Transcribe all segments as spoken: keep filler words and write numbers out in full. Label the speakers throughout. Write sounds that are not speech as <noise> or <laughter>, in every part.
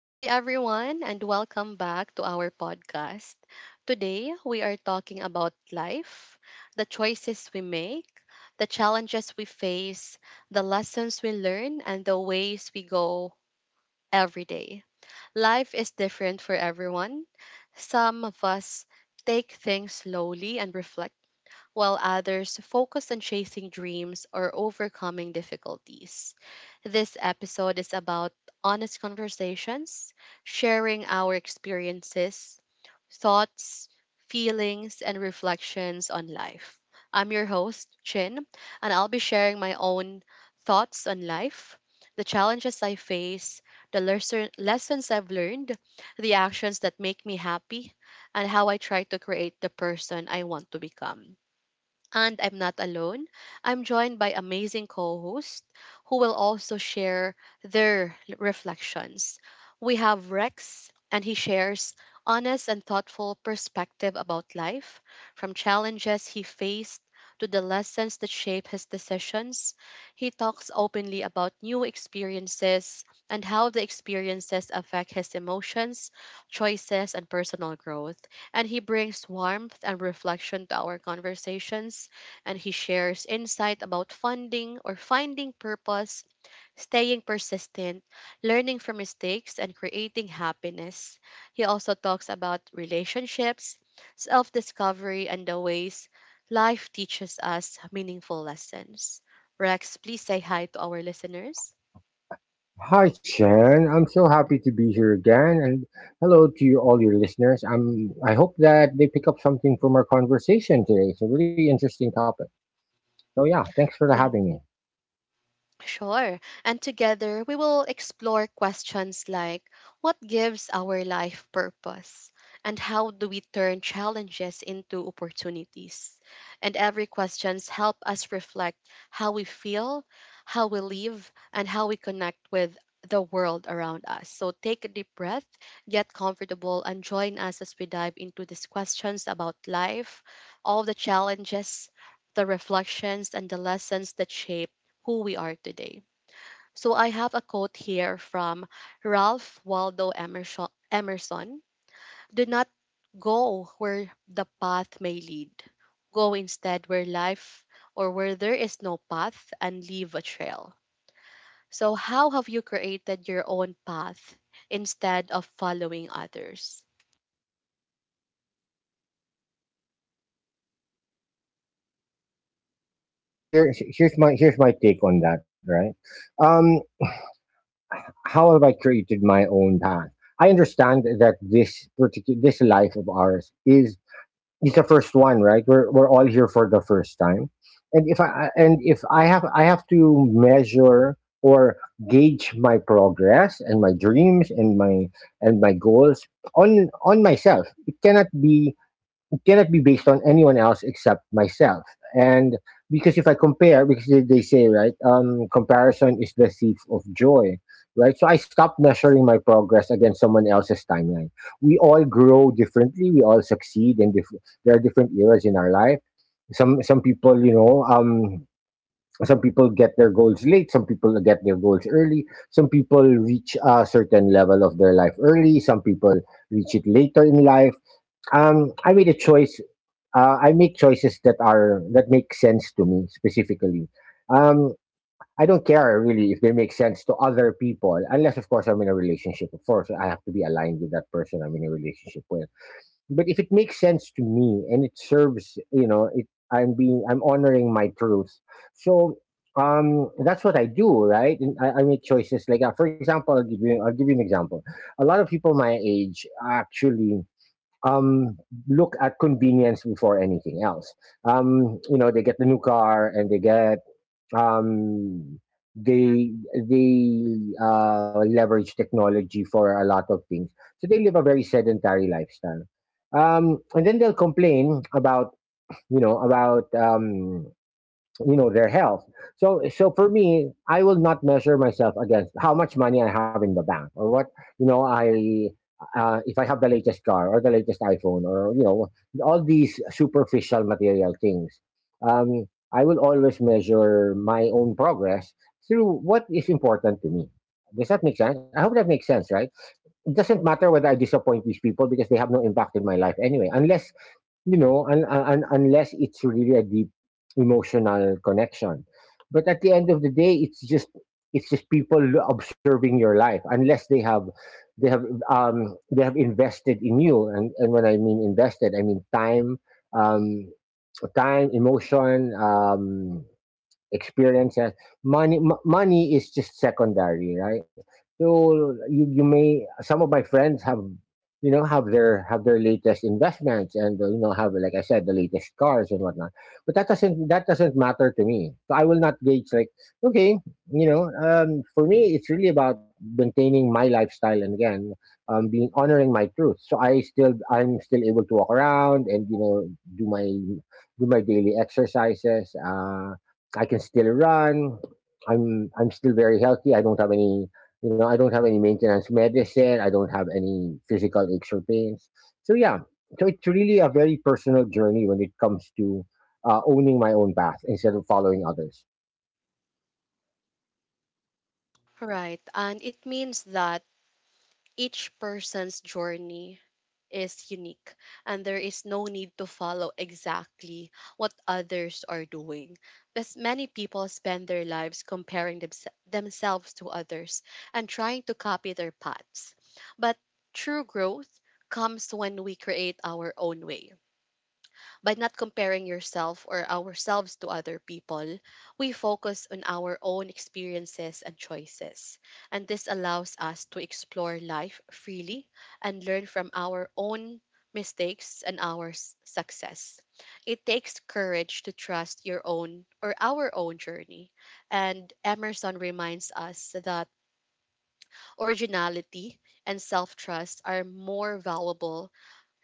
Speaker 1: Hi, everyone, and welcome back to our podcast. Today, we are talking about life, the choices we make, the challenges we face, the lessons we learn, and the ways we go every day. Life is different for everyone. Some of us take things slowly and reflect while others focus on chasing dreams or overcoming difficulties. This episode is about honest conversations, sharing our experiences, thoughts, feelings, and reflections on life. I'm your host, Chin, and I'll be sharing my own thoughts on life, the challenges I face, the lesser- lessons I've learned, the actions that make me happy, and how I try to create the person I want to become. And I'm not alone. I'm joined by amazing co hosts who will also share their l- reflections. We have Rex, and he shares honest and thoughtful perspective about life, from challenges he faced to the lessons that shape his decisions. He talks openly about new experiences and how the experiences affect his emotions, choices, and personal growth and he brings warmth and reflection to our conversations, and he shares insight about funding or finding purpose, staying persistent, learning from mistakes, and creating happiness. He also talks about relationships, self discovery, and the ways life teaches us meaningful lessons. Rex, please say hi to our listeners.
Speaker 2: Hi, Chen. I'm so happy to be here again, and hello to you, all your listeners. I'm. I hope that they pick up something from our conversation today. It's a really interesting topic. So yeah, thanks for
Speaker 1: Thank
Speaker 2: having me.
Speaker 1: you. Sure. And together we will explore questions like what gives our life purpose? And how do we turn challenges into opportunities? And every questions help us reflect how we feel, how we live, and how we connect with the world around us. So take a deep breath, get comfortable, and join us as we dive into these questions about life, all the challenges, the reflections, and the lessons that shape who we are today. So I have a quote here from Ralph Waldo Emerson Emerson. Do not go where the path may lead. Go instead where life or where there is no path and leave a trail. So how have you created your own path instead of following others?
Speaker 2: So here, here's my here's my take on that. Right? Um, how have I created my own path? I understand that this particular this life of ours is it's the first one, right? We're we're all here for the first time, and if I and if I have I have to measure or gauge my progress and my dreams and my and my goals on on myself. It cannot be Cannot be based on anyone else except myself. And because if I compare, because they, they say, right, um, comparison is the thief of joy, right? So I stopped measuring my progress against someone else's timeline. We all grow differently. We all succeed, and diff- there are different eras in our life. Some some people, you know, um, some people get their goals late. Some people get their goals early. Some people reach a certain level of their life early. Some people reach it later in life. um, I made a choice. Uh, I make choices that are that make sense to me specifically. Um, I don't care really if they make sense to other people, unless of course I'm in a relationship. Of course, I have to be aligned with that person I'm in a relationship with. But if it makes sense to me and it serves, you know, it I'm being I'm honoring my truth. So um that's what I do right and i, I make choices like uh, for example I'll give, you, I'll give you an example. A lot of people my age actually, um, look at convenience before anything else. Um, you know, they get the new car and they get, um, they they uh, leverage technology for a lot of things. So they live a very sedentary lifestyle. Um, and then they'll complain about, you know, about um, you know, their health. So so for me I will not measure myself against how much money I have in the bank or what, you know, I uh, if I have the latest car or the latest iphone or, you know, all these superficial material things. um, I will always measure my own progress through what is important to me. Does that make sense? I hope that makes sense, right? It doesn't matter whether I disappoint these people because they have no impact in my life anyway, unless, you know, un- un- un- unless it's really a deep emotional connection. But at the end of the day, it's just it's just people l- observing your life. Unless they have they have um, they have invested in you, and and when I mean invested, I mean time, um, time, emotion. Um, experience, yes. Money m- money is just secondary, right? So you you may, some of my friends have, you know, have their have their latest investments and, uh, you know, have, like I said, the latest cars and whatnot, but that doesn't that doesn't matter to me. So I will not gauge like, okay, you know, um, for me it's really about maintaining my lifestyle and again, um, being honoring my truth. So i still I'm still able to walk around and, you know, do my do my daily exercises. Uh, I can still run. I'm I'm still very healthy. I don't have any, you know, I don't have any maintenance medicine. I don't have any physical aches or pains. So yeah, so it's really a very personal journey when it comes to uh, owning my own path instead of following others.
Speaker 1: Right. And it means that each person's journey is unique and there is no need to follow exactly what others are doing, because many people spend their lives comparing themse- themselves to others and trying to copy their paths, but true growth comes when we create our own way. By not comparing yourself or ourselves to other people, we focus on our own experiences and choices. And this allows us to explore life freely and learn from our own mistakes and our s- success. It takes courage to trust your own or our own journey. And Emerson reminds us that originality and self trust are more valuable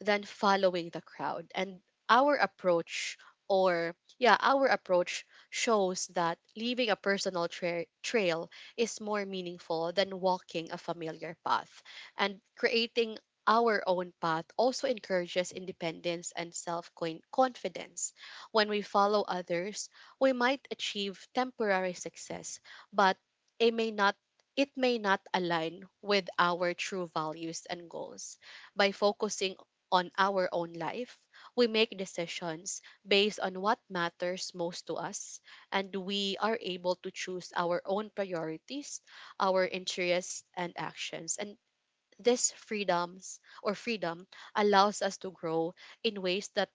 Speaker 1: than following the crowd. And our approach, or yeah, our approach shows that leaving a personal tra- trail is more meaningful than walking a familiar path. And creating our own path also encourages independence and self confidence. When we follow others, we might achieve temporary success, but it may not it may not align with our true values and goals. By focusing on our own life, we make decisions based on what matters most to us, and we are able to choose our own priorities, our interests, and actions. And this freedoms or freedom allows us to grow in ways that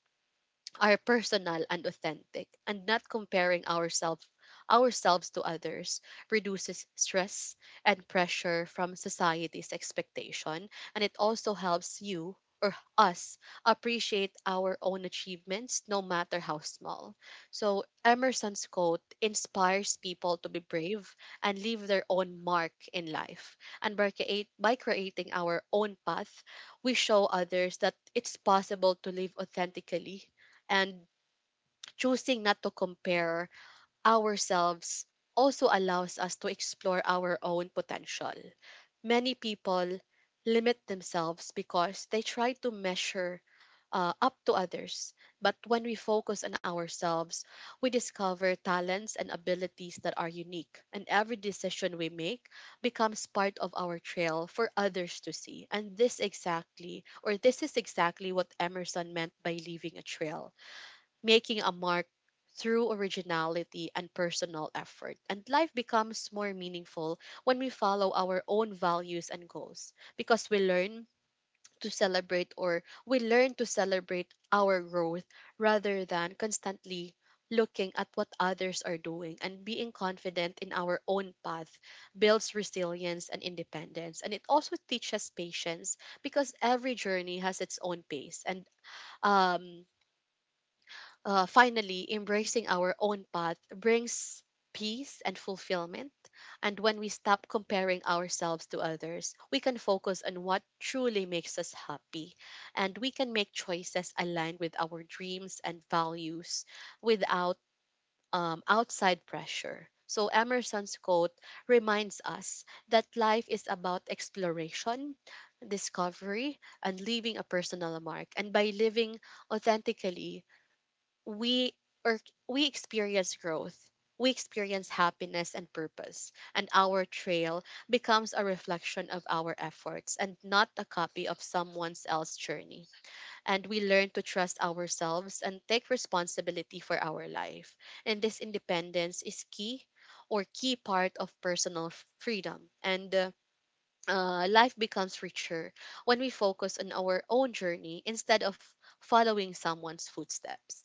Speaker 1: are personal and authentic, and not comparing ourselves ourselves to others reduces stress and pressure from society's expectation, and it also helps you or us appreciate our own achievements no matter how small. So Emerson's quote inspires people to be brave and leave their own mark in life, and by, create, by creating our own path we show others that it's possible to live authentically. And choosing not to compare ourselves also allows us to explore our own potential. Many people limit themselves because they try to measure uh, up to others. But when we focus on ourselves, we discover talents and abilities that are unique, and every decision we make becomes part of our trail for others to see. And this exactly, or this is exactly what Emerson meant by leaving a trail, making a mark through originality and personal effort. And life becomes more meaningful when we follow our own values and goals, because we learn to celebrate or we learn to celebrate our growth rather than constantly looking at what others are doing. And being confident in our own path builds resilience and independence, and it also teaches patience because every journey has its own pace. And um uh, finally, embracing our own path brings peace and fulfillment. And when we stop comparing ourselves to others, we can focus on what truly makes us happy. And we can make choices aligned with our dreams and values without um, outside pressure. So, Emerson's quote reminds us that life is about exploration, discovery, and leaving a personal mark. And by living authentically, we or we experience growth, we experience happiness and purpose, and our trail becomes a reflection of our efforts and not a copy of someone else's journey. And we learn to trust ourselves and take responsibility for our life, and this independence is key or key part of personal f- freedom. And uh, uh, life becomes richer when we focus on our own journey instead of following someone's footsteps.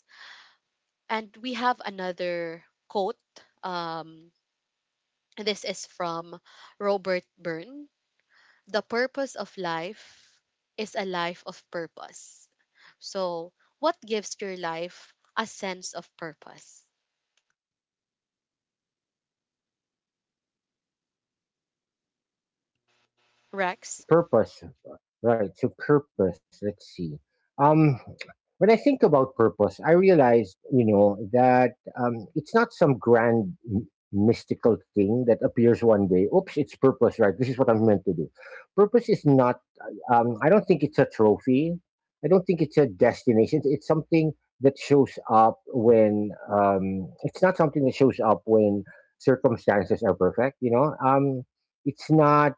Speaker 1: And we have another quote. Um, this is from Robert Byrne. The purpose of life is a life of purpose. So, what gives your life a sense of purpose?
Speaker 2: So
Speaker 1: Rex?
Speaker 2: purpose, right? So purpose. Let's see. Um, when I think about purpose, I realized, you know, that um, it's not some grand m- mystical thing that appears one day. Oops, it's purpose, right? This is what I'm meant to do. Purpose is not. Um, I don't think it's a trophy. I don't think it's a destination. It's something that shows up when um, it's not something that shows up when circumstances are perfect. You know, um, it's not.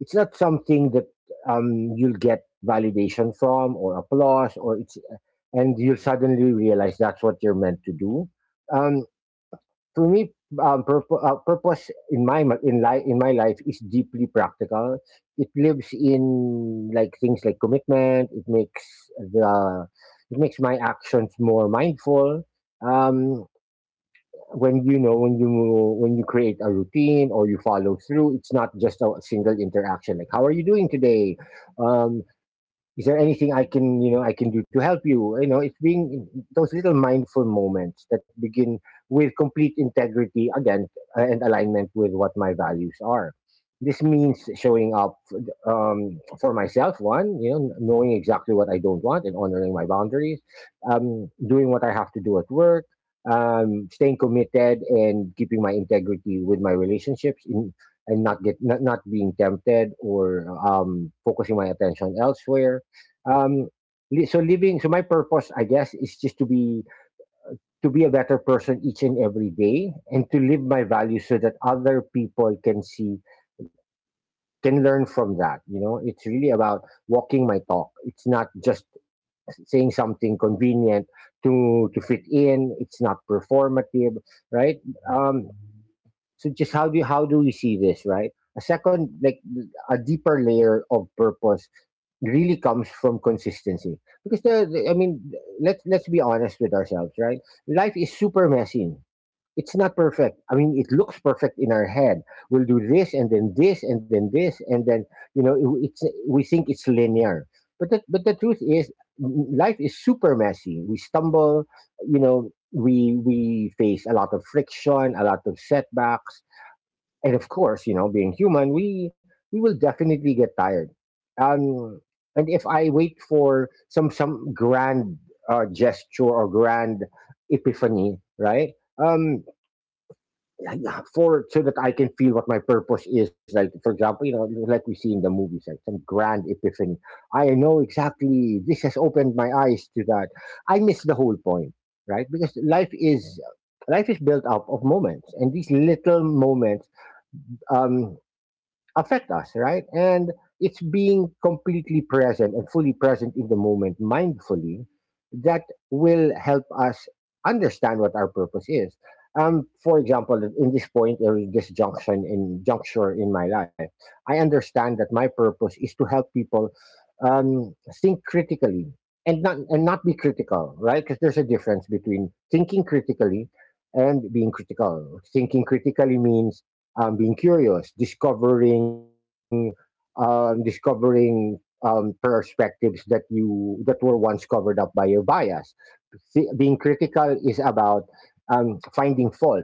Speaker 2: It's not something that um, you'll get validation from or applause or it's and you'll suddenly realize that's what you're meant to do. Um, for me, um, purpo- uh, purpose in my mi- in life in my life is deeply practical. It lives in like things like commitment. It makes the it makes my actions more mindful. Um, when you know when you when you create a routine or you follow through, it's not just a single interaction like, how are you doing today, um is there anything I can, you know, I can do to help you. You know, it's being those little mindful moments that begin with complete integrity again, uh, and alignment with what my values are. This means showing up, um, for myself one, you know, knowing exactly what I don't want and honoring my boundaries, um, doing what I have to do at work, um, staying committed and keeping my integrity with my relationships in, and not get not, not being tempted or um, focusing my attention elsewhere. um li- so living, so my purpose I guess is just to be, to be a better person each and every day, and to live my values so that other people can see, can learn from that. You know, it's really about walking my talk. It's not just saying something convenient to to fit in. It's not performative, right? um so, just how do how do we see this, right? A second, like, a deeper layer of purpose really comes from consistency because the, the- I mean, let's let's be honest with ourselves, right? Life is super messy. It's not perfect. I mean, it looks perfect in our head. We'll do this and then this and then this and then, you know, it- it's, we think it's linear, but the, but the truth is, m- life is super messy. We stumble, you know, we we face a lot of friction, a lot of setbacks, and of course, you know, being human, we we will definitely get tired. Um, and if I wait for some some grand uh, gesture or grand epiphany, right? Um, yeah, yeah, for so that I can feel what my purpose is. Like, for example, you know, like we see in the movies, like some grand epiphany. I know exactly this has opened my eyes to that. I miss the whole point, right? Because life is life is built up of moments, and these little moments, Um, affect us, right? And it's being completely present and fully present in the moment mindfully that will help us understand what our purpose is. Um, for example, in this point, or in this junction in juncture in my life, I understand that my purpose is to help people, um, think critically and not and not be critical, right? Because there's a difference between thinking critically and being critical. Thinking critically means, um, being curious, discovering, um, discovering, um, perspectives that you that were once covered up by your bias. See, being critical is about, um, finding fault,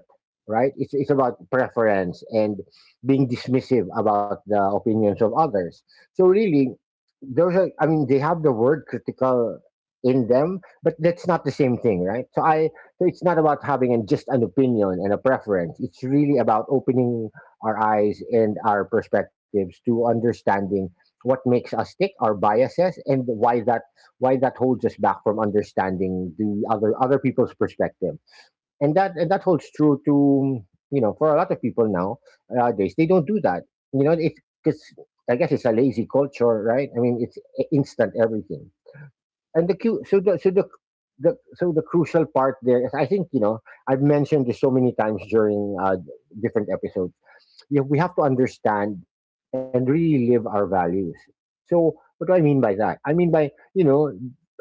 Speaker 2: right? It's, it's about preference and being dismissive about the opinions of others. So, really, those are, I mean, they have the word critical in them, but that's not the same thing, right? So, I, so it's not about having an, just an opinion and a preference. It's really about opening our eyes and our perspectives to understanding what makes us tick, our biases, and why that why that holds us back from understanding the other other people's perspective. And that and that holds true to, you know, for a lot of people now, nowadays they don't do that. You know, it's because I guess it's a lazy culture, right? I mean, it's i- instant everything. And the cu- so the so the the, so the crucial part there is, I think, you know, I've mentioned this so many times during uh, different episodes. You- we have to understand and really live our values. So what do I mean by that? I mean by you know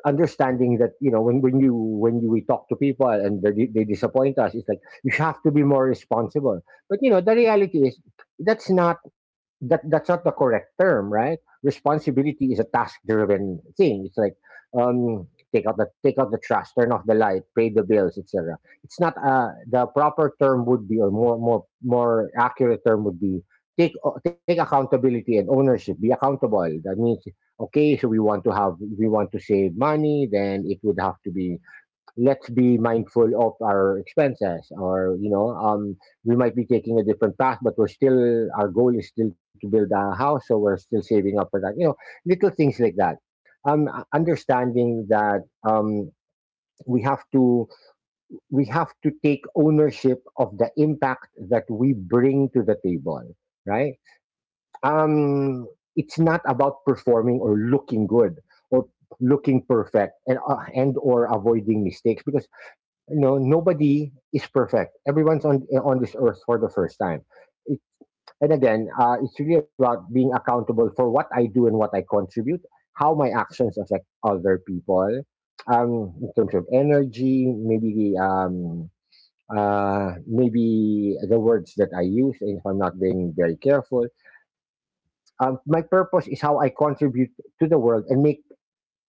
Speaker 2: understanding that you know when, when you when you we talk to people and they, they disappoint us, it's like you have to be more responsible. But you know the reality is that's not that that's not the correct term, right? Responsibility is a task driven thing. It's like um take out the take out the trash, turn off the light, pay the bills, etc. It's not, uh the proper term would be, or more more more accurate term would be, take o- take accountability and ownership, be accountable. That means okay, so we want to have we want to save money, then it would have to be let's be mindful of our expenses, or you know um we might be taking a different path, but we're still, our goal is still to build a house, so we're still saving up for that, you know, little things like that. um understanding that, um we have to we have to take ownership of the impact that we bring to the table, right? Um, it's not about performing or looking good, or looking perfect, and uh, and or avoiding mistakes, because you know nobody is perfect. Everyone's on on this earth for the first time. It, and again, uh, it's really about being accountable for what I do and what I contribute, how my actions affect other people, um, in terms of energy, maybe, um, uh, maybe the words that I use, and if I'm not being very careful. Um, my purpose is how I contribute to the world and make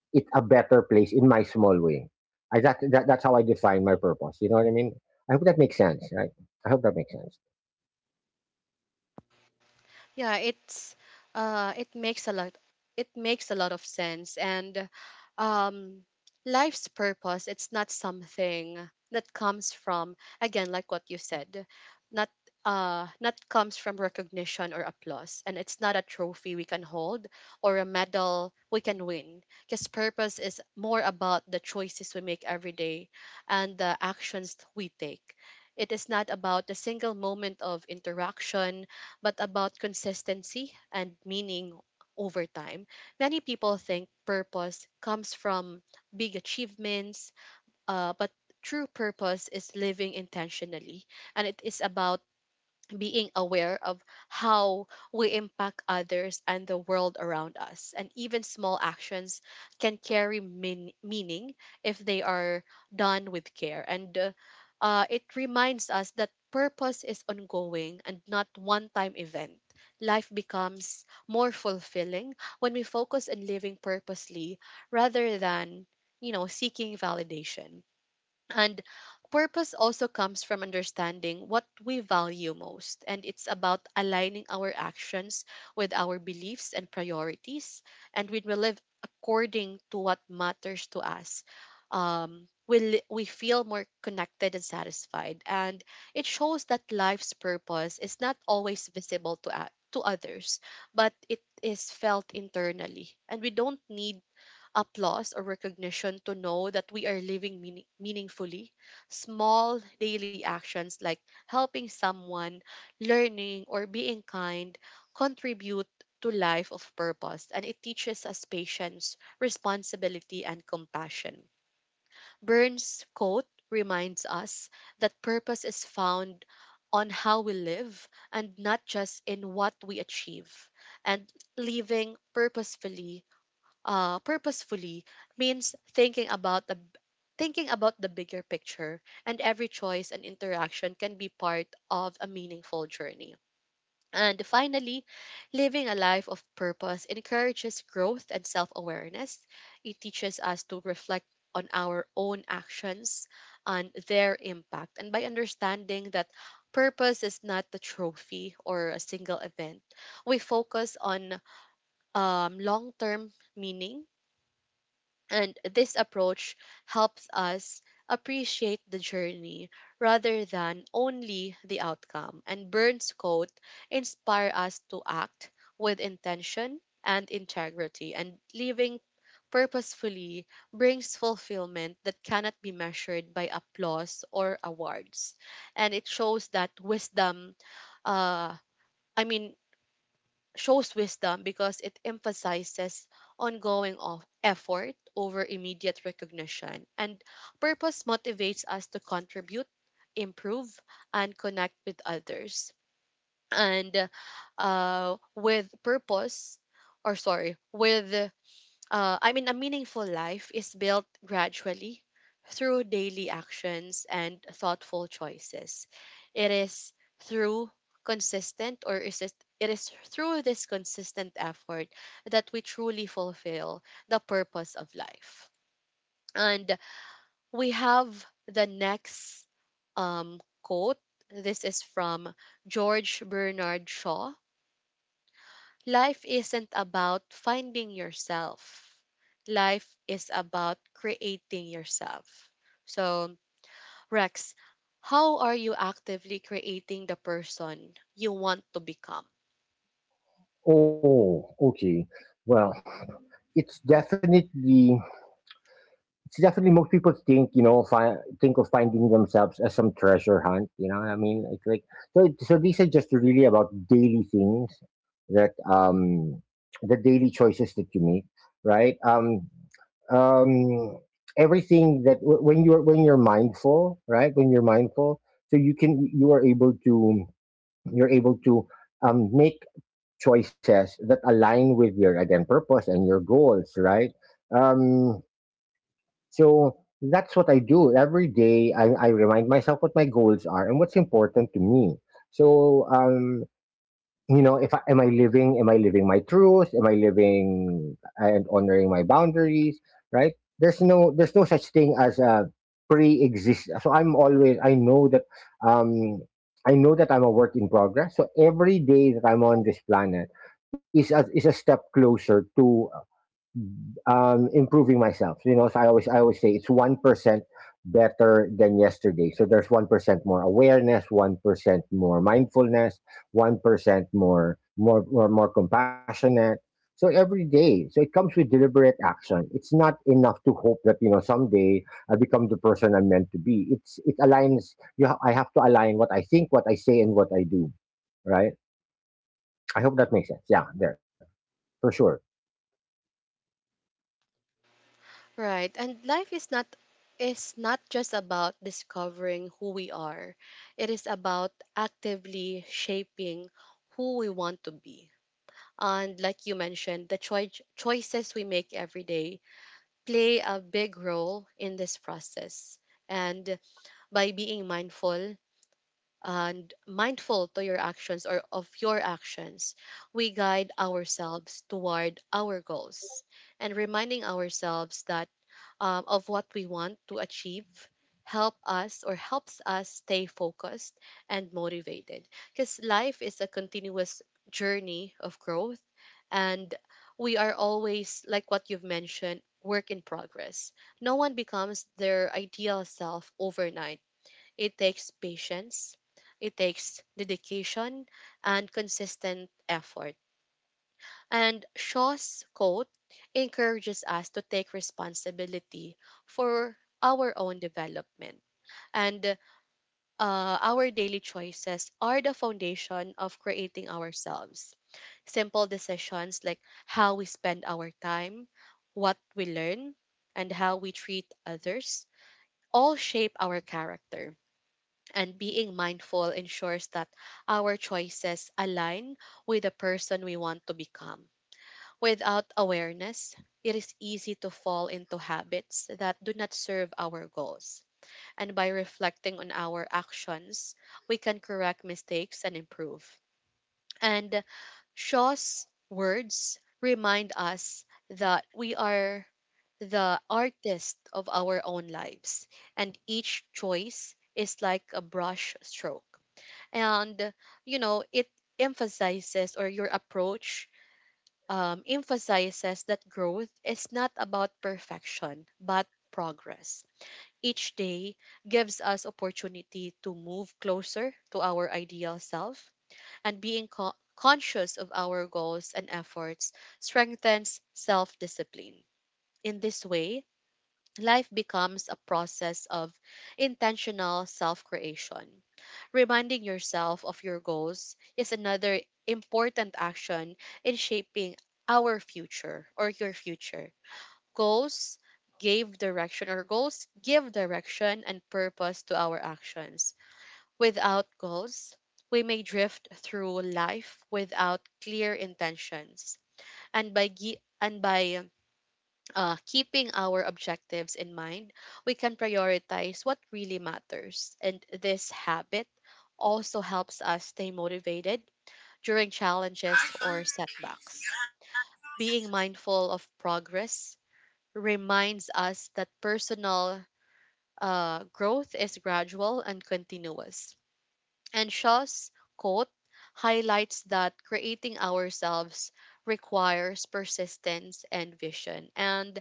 Speaker 2: it a better place in my small way. I, that, that that's how I define my purpose. You know what I mean? I hope that makes sense, right? I hope that makes sense.
Speaker 1: Yeah, it's uh, it makes a lot it makes a lot of sense. And um life's purpose, it's not something that comes from, again, like what you said, not uh not comes from recognition or applause, and it's not a trophy we can hold or a medal we can win, because purpose is more about the choices we make every day and the actions we take. It is not about the single moment of interaction but about consistency and meaning over time. Many people think purpose comes from big achievements, uh, but true purpose is living intentionally, and it is about being aware of how we impact others and the world around us. And even small actions can carry mean- meaning if they are done with care. And uh, uh, it reminds us that purpose is ongoing and not one time event. Life becomes more fulfilling when we focus on living purposely rather than, you know, seeking validation. And purpose also comes from understanding what we value most. And it's about aligning our actions with our beliefs and priorities. And when we live according to what matters to us, um, we, li- we feel more connected and satisfied. And it shows that life's purpose is not always visible to, o- to others, but it is felt internally. And we don't need applause or recognition to know that we are living meaning- meaningfully. Small daily actions like helping someone, learning, or being kind contribute to life of purpose, and it teaches us patience, responsibility, and compassion. Burns' quote reminds us that purpose is found on how we live and not just in what we achieve. And living purposefully uh, purposefully means thinking about the thinking about the bigger picture, and every choice and interaction can be part of a meaningful journey. And finally, living a life of purpose encourages growth and self-awareness. It teaches us to reflect on our own actions and their impact, and by understanding that purpose is not the trophy or a single event, we focus on um, long-term meaning. And this approach helps us appreciate the journey rather than only the outcome. And Burns' quote inspire us to act with intention and integrity. And living purposefully brings fulfillment that cannot be measured by applause or awards. And it shows that wisdom, uh, I mean, shows wisdom because it emphasizes ongoing of effort over immediate recognition. And purpose motivates us to contribute, improve, and connect with others. And uh, with purpose, or sorry, with uh, I mean, a meaningful life is built gradually through daily actions and thoughtful choices. It is through consistent or is it, it is through this consistent effort that we truly fulfill the purpose of life. And we have the next um, quote. This is from George Bernard Shaw. Life isn't about finding yourself. Life is about creating yourself. So, Rex, how are you actively creating the person you want to become?
Speaker 2: Oh, okay. Well, it's definitely. it's definitely. Most people think you know fi- think of finding themselves as some treasure hunt, you know what I mean? It's like, so it- so these are just really about daily things that, um the daily choices that you make, right? um um Everything that w- when you're when you're mindful, right? When you're mindful, so you can you are able to, you're able to um make choices that align with your, again, purpose and your goals, right? um so that's what I do every day. I, I remind myself what my goals are and what's important to me. So, um, you know, if I, am I living, am I living my truth? Am I living and honoring my boundaries? Right? There's no there's no such thing as a pre-exist. So I'm always, I know that, um, I know that I'm a work in progress. So every day that I'm on this planet is a, is a step closer to, um, improving myself. You know, so I always I always say it's one percent better than yesterday. So there's one percent more awareness, one percent more mindfulness, one percent more more more more compassionate. So every day, so it comes with deliberate action. It's not enough to hope that you know someday I become the person I'm meant to be. It's it aligns. You ha- I have to align what I think, what I say, and what I do. Right. I hope that makes sense. Yeah, there, for sure,
Speaker 1: Right. And life is not is not just about discovering who we are. It is about actively shaping who we want to be. And like you mentioned, the choi- choices we make every day play a big role in this process. And by being mindful and mindful to your actions or of your actions, we guide ourselves toward our goals and reminding ourselves that um, of what we want to achieve help us or helps us stay focused and motivated, because life is a continuous journey of growth and we are always, like what you've mentioned, work in progress. No one becomes their ideal self overnight. It takes patience, it takes dedication and consistent effort. And Shaw's quote encourages us to take responsibility for our own development. And uh, our daily choices are the foundation of creating ourselves. Simple decisions like how we spend our time, what we learn, and how we treat others all shape our character. And being mindful ensures that our choices align with the person we want to become. Without awareness, it is easy to fall into habits that do not serve our goals. And by reflecting on our actions, we can correct mistakes and improve. And Shaw's words remind us that we are the artist of our own lives, and each choice is like a brush stroke. And, you know, it emphasizes, or your approach um, emphasizes that growth is not about perfection, but progress. Each day gives us opportunity to move closer to our ideal self, and being co- conscious of our goals and efforts strengthens self discipline. In this way, life becomes a process of intentional self creation. Reminding yourself of your goals is another important action in shaping our future or your future. Goals gave direction, or goals give direction and purpose to our actions. Without goals, we may drift through life without clear intentions. And by gi- and by uh, keeping our objectives in mind, we can prioritize what really matters. And this habit also helps us stay motivated during challenges or setbacks. Being mindful of progress reminds us that personal uh, growth is gradual and continuous. And Shaw's quote highlights that creating ourselves requires persistence and vision. And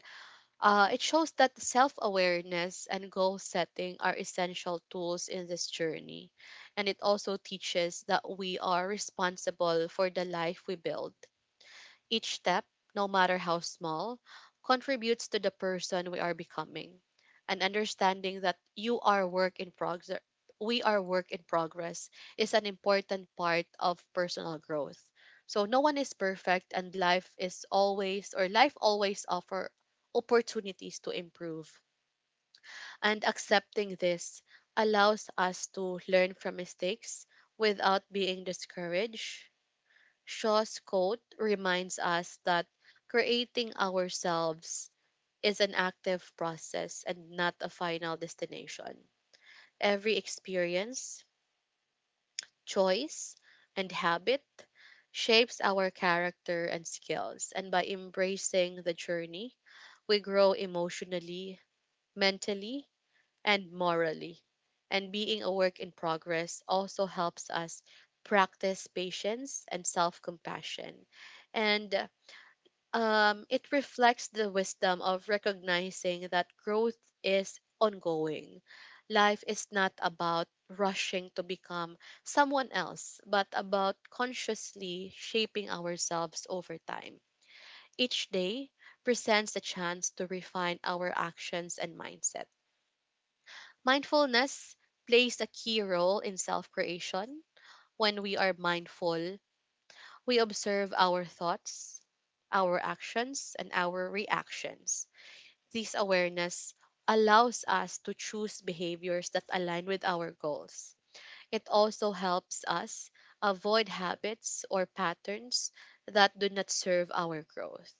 Speaker 1: uh, it shows that self awareness and goal setting are essential tools in this journey. And it also teaches that we are responsible for the life we build. Each step, no matter how small, contributes to the person we are becoming. And understanding that you are work in progress, we are work in progress, is an important part of personal growth. So no one is perfect and life is always, or life always offer opportunities to improve. And accepting this allows us to learn from mistakes without being discouraged. Shaw's quote reminds us that creating ourselves is an active process and not a final destination. Every experience, choice, and habit shapes our character and skills. And by embracing the journey, we grow emotionally, mentally, and morally. And being a work in progress also helps us practice patience and self compassion. And Um, it reflects the wisdom of recognizing that growth is ongoing. Life is not about rushing to become someone else, but about consciously shaping ourselves over time. Each day presents a chance to refine our actions and mindset. Mindfulness plays a key role in self creation. When we are mindful, we observe our thoughts, our actions, and our reactions. This awareness allows us to choose behaviors that align with our goals. It also helps us avoid habits or patterns that do not serve our growth.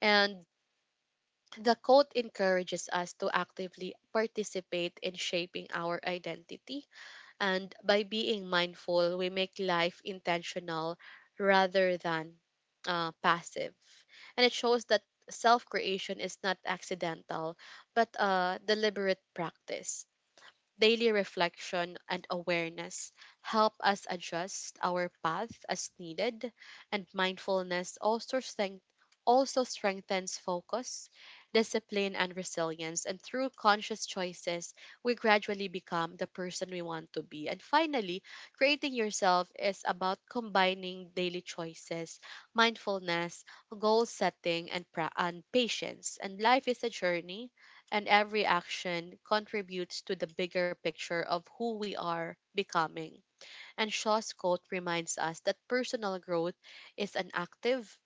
Speaker 1: And the quote encourages us to actively participate in shaping our identity. And by being mindful, we make life intentional rather than uh, passive, and it shows that self creation is not accidental but uh deliberate practice. Daily reflection and awareness help us adjust our path as needed, and mindfulness also strength also strengthens focus, discipline, and resilience. And through conscious choices, we gradually become the person we want to be. And finally, creating yourself is about combining daily choices, mindfulness, goal setting, and, pra- and patience. And life is a journey and every action contributes to the bigger picture of who we are becoming. And Shaw's quote reminds us that personal growth is an active,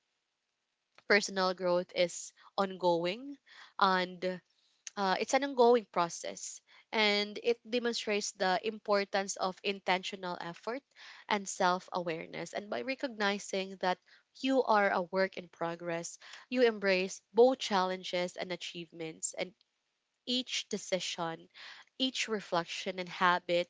Speaker 1: personal growth is ongoing, and uh, it's an ongoing process. And it demonstrates the importance of intentional effort and self awareness. And by recognizing that you are a work in progress, you embrace both challenges and achievements. And each decision, each reflection and habit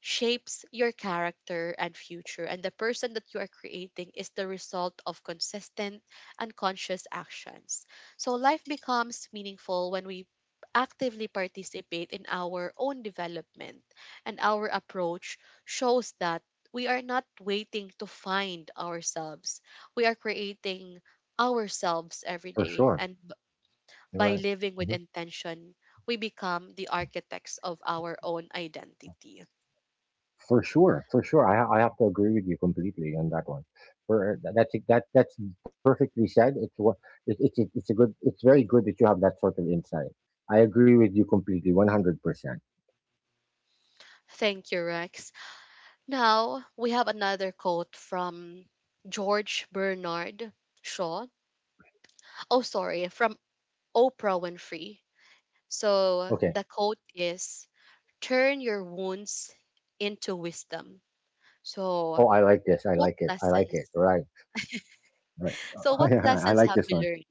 Speaker 1: shapes your character and future, and the person that you are creating is the result of consistent and conscious actions. So, life becomes meaningful when we actively participate in our own development, and our approach shows that we are not waiting to find ourselves, we are creating ourselves every
Speaker 2: for
Speaker 1: day,
Speaker 2: sure.
Speaker 1: and
Speaker 2: You're
Speaker 1: by living
Speaker 2: right.
Speaker 1: with intention, we become the architects of our own identity.
Speaker 2: For sure, for sure. I, ha- I have to agree with you completely on that one. For that's e, that that's perfectly said. It's what it, it's it, it's a good. It's very good that you have that sort of insight. I agree with you completely, one hundred percent.
Speaker 1: Thank you, Rex. Now, we have another quote from George Bernard Shaw. Oh, sorry, from Oprah Winfrey. So,
Speaker 2: Okay.
Speaker 1: the quote is, turn your wounds into wisdom. So,
Speaker 2: Oh, I like this. I
Speaker 1: what
Speaker 2: like it. I like it.
Speaker 1: lessons?
Speaker 2: Right. Right. <laughs>
Speaker 1: So,
Speaker 2: Oh,
Speaker 1: what
Speaker 2: yeah, I
Speaker 1: lessons
Speaker 2: like
Speaker 1: have
Speaker 2: this
Speaker 1: you
Speaker 2: one.
Speaker 1: learned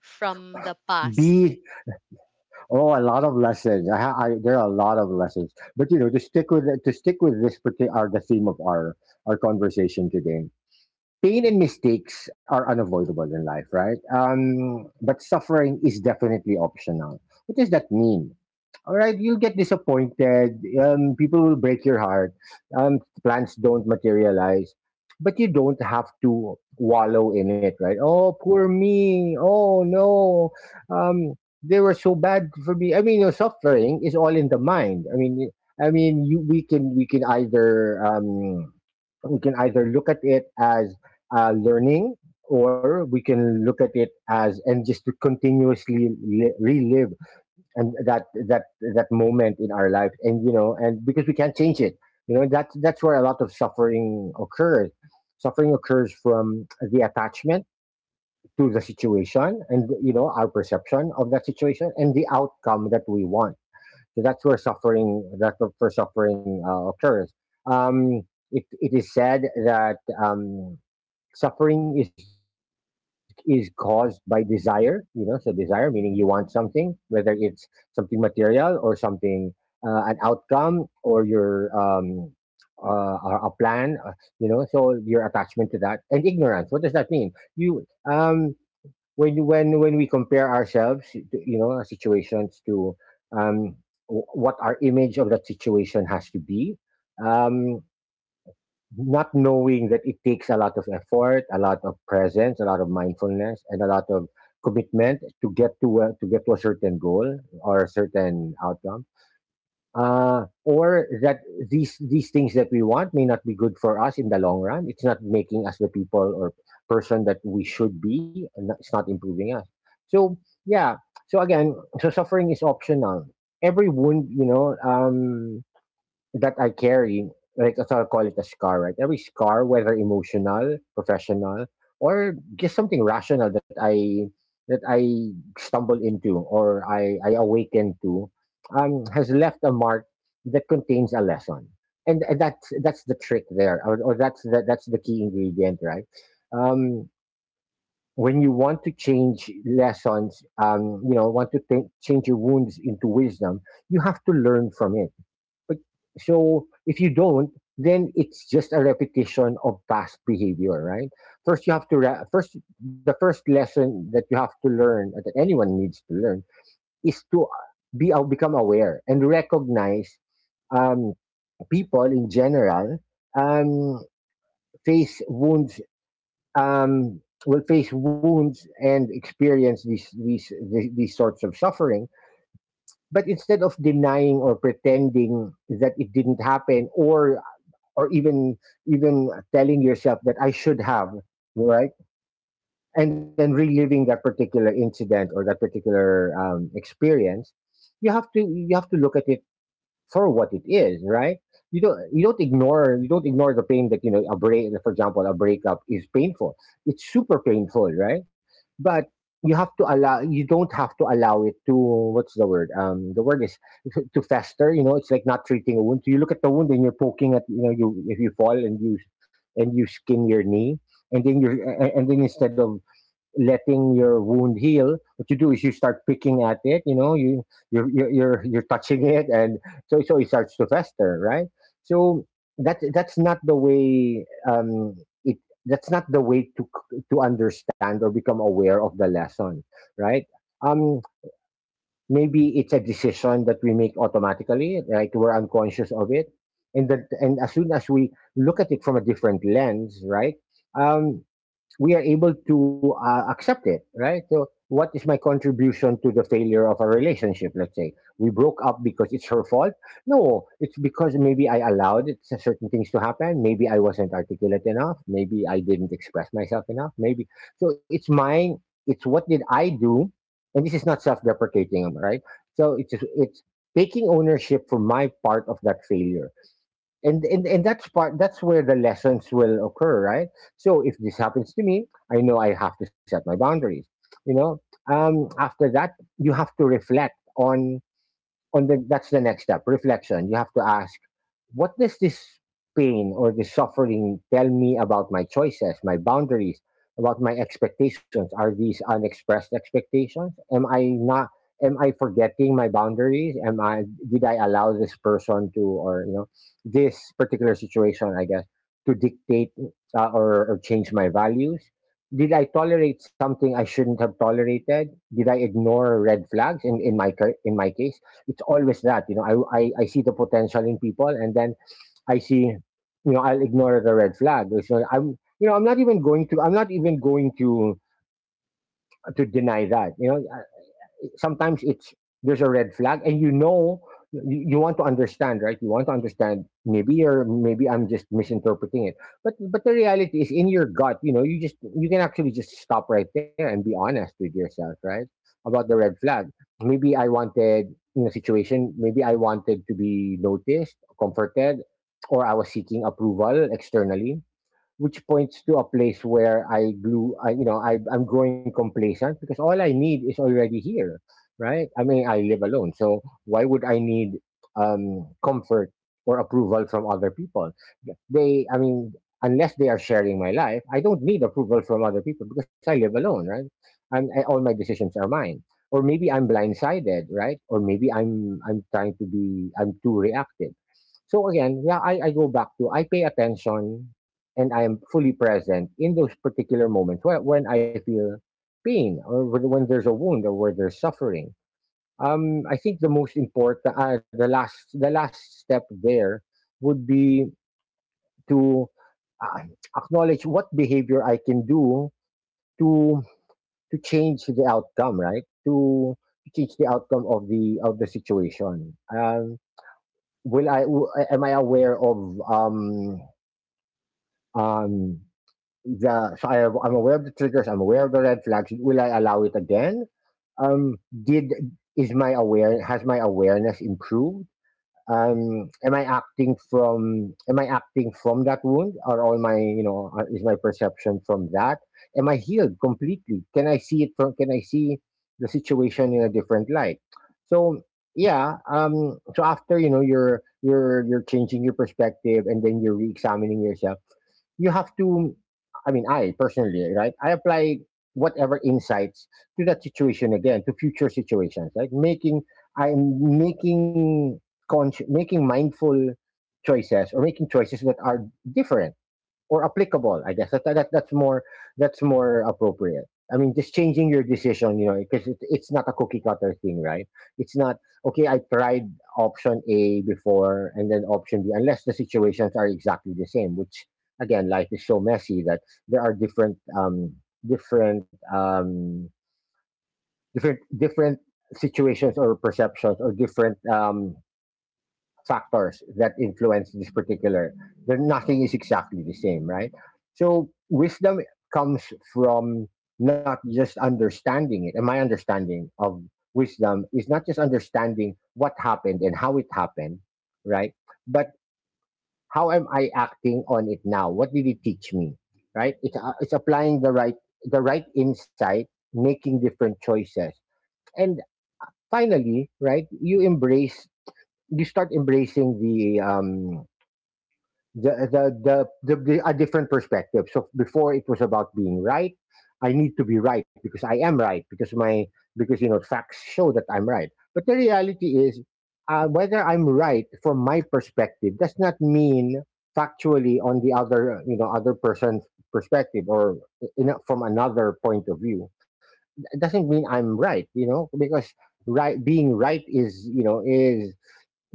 Speaker 1: from the past?
Speaker 2: B. Oh, a lot of lessons. I, ha- I there are a lot of lessons. But you know, to stick with to stick with this particular, the theme of our our conversation today. Pain and mistakes are unavoidable in life, right? Um, but suffering is definitely optional. What does that mean? All right, you'll get disappointed. Um, people will break your heart. Um, plans don't materialize, but you don't have to wallow in it, right? Oh, poor me. Oh no. Um, they were so bad for me. I mean, your suffering is all in the mind. I mean, I mean, you, we can we can either, um, we can either look at it as, uh, learning, or we can look at it as, and just to continuously li- relive, and that that that moment in our life, and you know, and because we can't change it, you know, that's that's where a lot of suffering occurs. Suffering occurs from the attachment to the situation, and you know, our perception of that situation and the outcome that we want. So that's where suffering that's where suffering uh, occurs. Um, it, it is said that, um, suffering is is caused by desire, you know, so desire meaning you want something, whether it's something material, or something, uh, an outcome, or your, um uh, a a plan, uh, you know, so your attachment to that, and ignorance. What does that mean? You um when you- when when we compare ourselves to, you know, our situations to, um w- what our image of that situation has to be, um not knowing that it takes a lot of effort, a lot of presence, a lot of mindfulness, and a lot of commitment to get to a, to get to a certain goal or a certain outcome. Uh, or that these these things that we want may not be good for us in the long run. It's not making us the people, or person, that we should be, and it's not improving us. So yeah. So again, so suffering is optional. Every wound, you know, um, that I carry, like, so I'll call it a scar, right? Every scar, whether emotional, professional, or just something rational that I that I stumble into, or I, I awaken to, um, has left a mark that contains a lesson. And, and that's that's the trick there, or, or that's the, that's the key ingredient, right? Um, when you want to change lessons, um, you know, want to think, change your wounds into wisdom, you have to learn from it. But so if you don't, then it's just a repetition of past behavior, right? First, you have to re- first the first lesson that you have to learn, that anyone needs to learn, is to be, uh, become aware and recognize, um, people in general, um, face wounds um, will face wounds and experience these, these these these sorts of suffering. But instead of denying or pretending that it didn't happen, or or even even telling yourself that I should have, right? And then reliving that particular incident, or that particular, um, experience, you have to, you have to look at it for what it is, right? You don't you don't ignore, you don't ignore the pain, that you know, a break for example a breakup is painful. It's super painful, right? But you have to allow you don't have to allow it to, what's the word? Um the word is <laughs> to fester, you know, it's like not treating a wound. So you look at the wound and you're poking at, you know, you, if you fall and you and you skin your knee, and then you're a- a- and then, instead of letting your wound heal, what you do is you start picking at it, you know, you you're you're you're, you're touching it, and so so it starts to fester, right? So that that's not the way, um it that's not the way to c- to understand or become aware of the lesson, right? um maybe it's a decision that we make automatically, right? We're unconscious of it. And that and as soon as we look at it from a different lens, right, um we are able to, uh, accept it, right? So what is my contribution to the failure of a relationship? Let's say we broke up because it's her fault. No, it's because maybe I allowed it, c- certain things to happen. Maybe I wasn't articulate enough. Maybe I didn't express myself enough. Maybe, so, it's mine. It's, what did I do? And this is not self-deprecating, right? So it's it's taking ownership for my part of that failure, and and and that's part that's where the lessons will occur, right? So if this happens to me, I know I have to set my boundaries. you know um After that you have to reflect on on the That's the next step, reflection. You have to ask, what does this pain or this suffering tell me about my choices, my boundaries, about my expectations? Are these unexpressed expectations? Am I not Am I forgetting my boundaries? Am I Did I allow this person to, or, you know, this particular situation, I guess, to dictate, uh, or, or change my values? Did I tolerate something I shouldn't have tolerated? Did I ignore red flags? In, in my cur- in my case, it's always that, you know I, I i see the potential in people, and then I see, you know I'll ignore the red flag. So I'm you know I'm not even going to i'm not even going to to deny that, you know. Sometimes it's— there's a red flag, and, you know, you, you want to understand, right? You want to understand, maybe you're— maybe I'm just misinterpreting it. But but the reality is, in your gut, you know, you just you can actually just stop right there and be honest with yourself, right? About the red flag. Maybe I wanted— in a situation, maybe I wanted to be noticed, comforted, or I was seeking approval externally, which points to a place where I grew, I, you know, I, I'm growing complacent because all I need is already here, right? I mean, I live alone, so why would I need um, comfort or approval from other people? They— I mean, unless they are sharing my life, I don't need approval from other people because I live alone, right? And I— all my decisions are mine. Or maybe I'm blindsided, right? Or maybe I'm I'm trying to be— I'm too reactive. So again, yeah, I, I go back to— I pay attention, and I am fully present in those particular moments where— when I feel pain, or when when there's a wound, or where there's suffering. Um, I think the most important, uh, the last, the last step there would be to uh, acknowledge what behavior I can do to to change the outcome, right? To, to change the outcome of the of the situation. Um, will I? w- Am I aware of— um, um, yeah, so I have, I'm aware of the triggers. I'm aware of the red flags. Will I allow it again? Um, did is my aware has my awareness improved? Um, am I acting from am I acting from that wound, or all my you know uh, is my perception from that? Am I healed completely? Can I see it from— can I see the situation in a different light? So yeah. Um, so after, you know you're you're you're changing your perspective and then you're re-examining yourself. You have to— I mean, I personally, right, I apply whatever insights to that situation, again, to future situations, right? making I'm making— consci- making mindful choices, or making choices that are different or applicable. I guess that, that that's more that's more appropriate. I mean, just changing your decision, you know, because it, it's not a cookie cutter thing, right? It's not— okay, I tried option A before, and then option B, unless the situations are exactly the same. Which, again, life is so messy that there are different, um, different, um, different, different situations or perceptions or different um, factors that influence this particular— then nothing is exactly the same, right? So wisdom comes from— not just understanding it. And my understanding of wisdom is not just understanding what happened and how it happened, right? But how am I acting on it now? What did it teach me, right? It's, uh, it's applying the right the right insight, making different choices, and finally, right, you embrace you start embracing the um the the, the, the, the a different perspective. So before, it was about being right. I need to be right because I am right because— my because you know facts show that I'm right. But the reality is, uh, whether I'm right from my perspective does not mean factually, on the other— you know other person's perspective, or in— a- from another point of view. It doesn't mean I'm right, you know, because— right, being right is, you know, is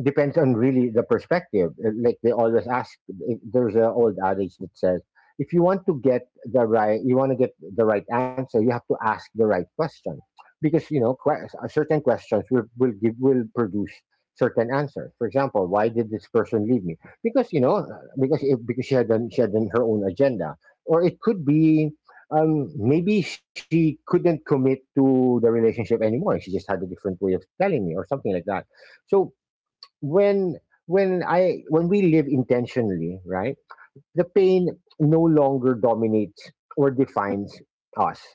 Speaker 2: depends on, really, the perspective. Uh, Like they always ask, if- there's an old adage that says, if you want to get the right— you want to get the right answer, you have to ask the right question, because, you know, que- uh, certain questions will will give will produce certain answers. For example, why did this person leave me? Because, you know, uh, because— it, because she had done she had done her own agenda, or it could be. Um, maybe she couldn't commit to the relationship anymore. She just had a different way of telling me, or something like that. So when— when I when we live intentionally, right? The pain no longer dominates or defines us,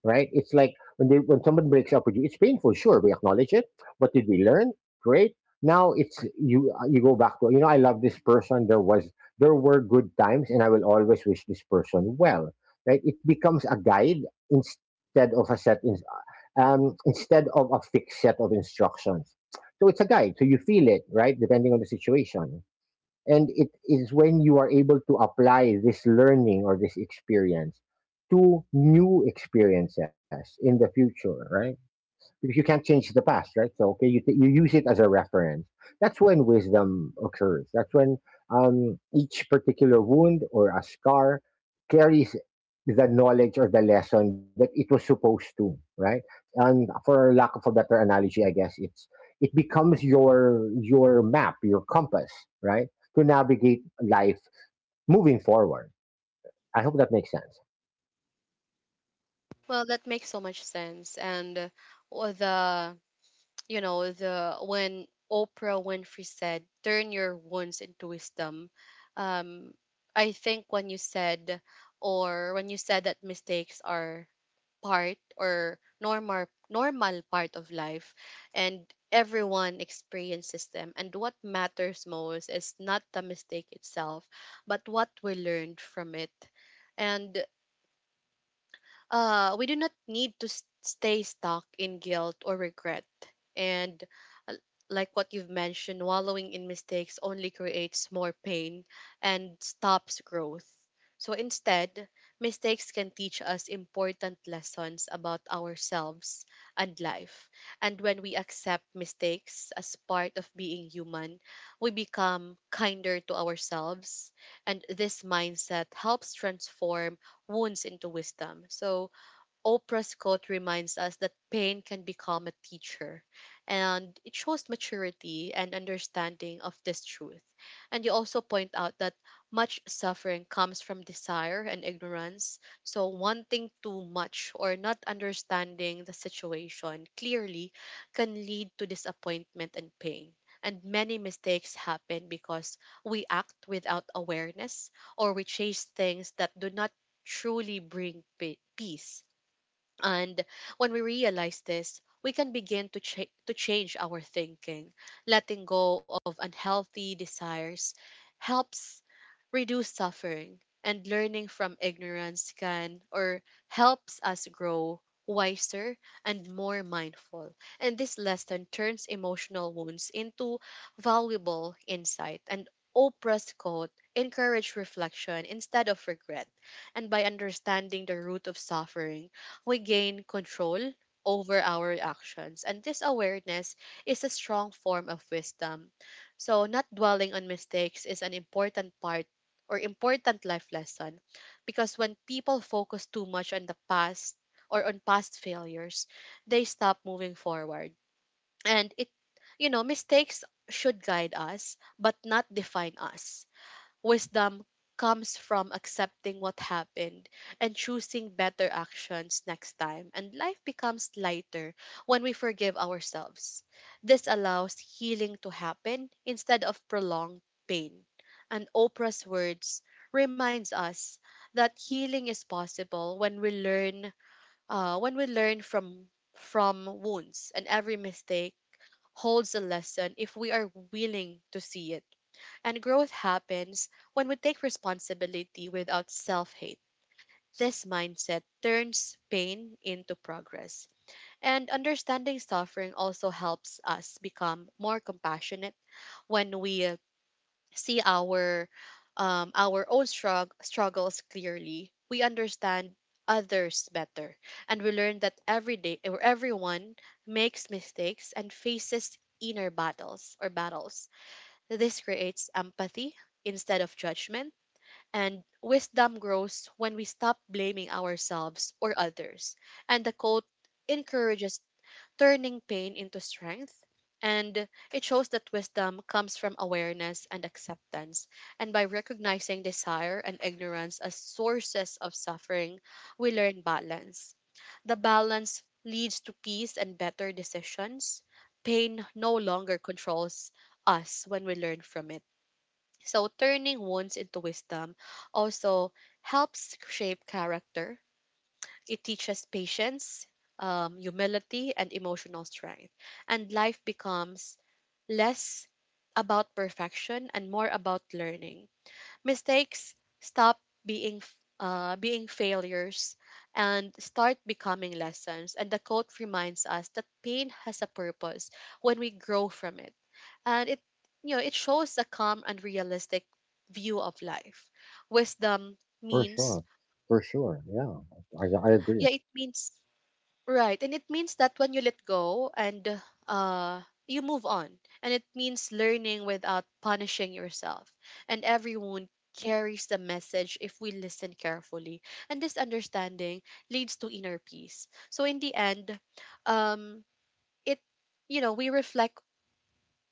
Speaker 2: right? It's like, when they, when someone breaks up with you, it's painful. Sure, we acknowledge it. What did we learn? Great. Now it's you. You go back to, you know, I love this person. There was there were good times, and I will always wish this person well. Right? It becomes a guide instead of a set in— um, instead of a fixed set of instructions. So it's a guide. So you feel it, right? Depending on the situation. And it is when you are able to apply this learning or this experience to new experiences in the future, right? Because you can't change the past, right? So okay, you t- you use it as a reference. That's when wisdom occurs. That's when um, each particular wound or a scar carries the knowledge or the lesson that it was supposed to, right? And for lack of a better analogy, I guess it's it becomes your your map, your compass, right, to navigate life moving forward. I hope that makes sense.
Speaker 1: Well, that makes so much sense. And uh, the you know the when Oprah Winfrey said, turn your wounds into wisdom, um I think when you said, or when you said that mistakes are part, or normal normal part of life, and everyone experiences them, and what matters most is not the mistake itself but what we learned from it. And uh, we do not need to s- stay stuck in guilt or regret. And uh, like what you've mentioned, wallowing in mistakes only creates more pain and stops growth. So instead, mistakes can teach us important lessons about ourselves and life. And when we accept mistakes as part of being human, we become kinder to ourselves. And this mindset helps transform wounds into wisdom. So Oprah's quote reminds us that pain can become a teacher, and it shows maturity and understanding of this truth. And you also point out that much suffering comes from desire and ignorance. So, wanting too much or not understanding the situation clearly can lead to disappointment and pain. And many mistakes happen because we act without awareness, or we chase things that do not truly bring pe- peace. And when we realize this, we can begin to, cha- to change our thinking. Letting go of unhealthy desires helps reduce suffering, and learning from ignorance can, or helps us grow wiser and more mindful. And this lesson turns emotional wounds into valuable insight. And Oprah's quote encourage reflection instead of regret. And by understanding the root of suffering, we gain control over our actions. And this awareness is a strong form of wisdom. So, not dwelling on mistakes is an important part, or important life lesson, because when people focus too much on the past or on past failures, they stop moving forward. And it, you know, mistakes should guide us but not define us. Wisdom comes from accepting what happened and choosing better actions next time, and life becomes lighter when we forgive ourselves. This allows healing to happen instead of prolonged pain. And Oprah's words reminds us that healing is possible when we learn, uh, when we learn from from wounds, and every mistake holds a lesson if we are willing to see it. And growth happens when we take responsibility without self hate. This mindset turns pain into progress. And understanding suffering also helps us become more compassionate when we uh, see our um, our own strug- struggles clearly. We understand others better, and we learn that every day, or everyone makes mistakes and faces inner battles, or battles. This creates empathy instead of judgment, and wisdom grows when we stop blaming ourselves or others. And the quote encourages turning pain into strength, and it shows that wisdom comes from awareness and acceptance. And by recognizing desire and ignorance as sources of suffering, we learn balance. The balance leads to peace and better decisions. Pain no longer controls us when we learn from it. So turning wounds into wisdom also helps shape character. It teaches patience, um, humility, and emotional strength. And life becomes less about perfection and more about learning. Mistakes stop being f- uh, being failures and start becoming lessons. And the quote reminds us that pain has a purpose when we grow from it, and it you know it shows a calm and realistic view of life. Wisdom
Speaker 2: For
Speaker 1: means,
Speaker 2: sure, for sure, yeah, I I agree.
Speaker 1: yeah, it means, right, and it means that when you let go and uh you move on, and it means learning without punishing yourself, and every wound carries the message if we listen carefully, and this understanding leads to inner peace. So in the end, um it you know we reflect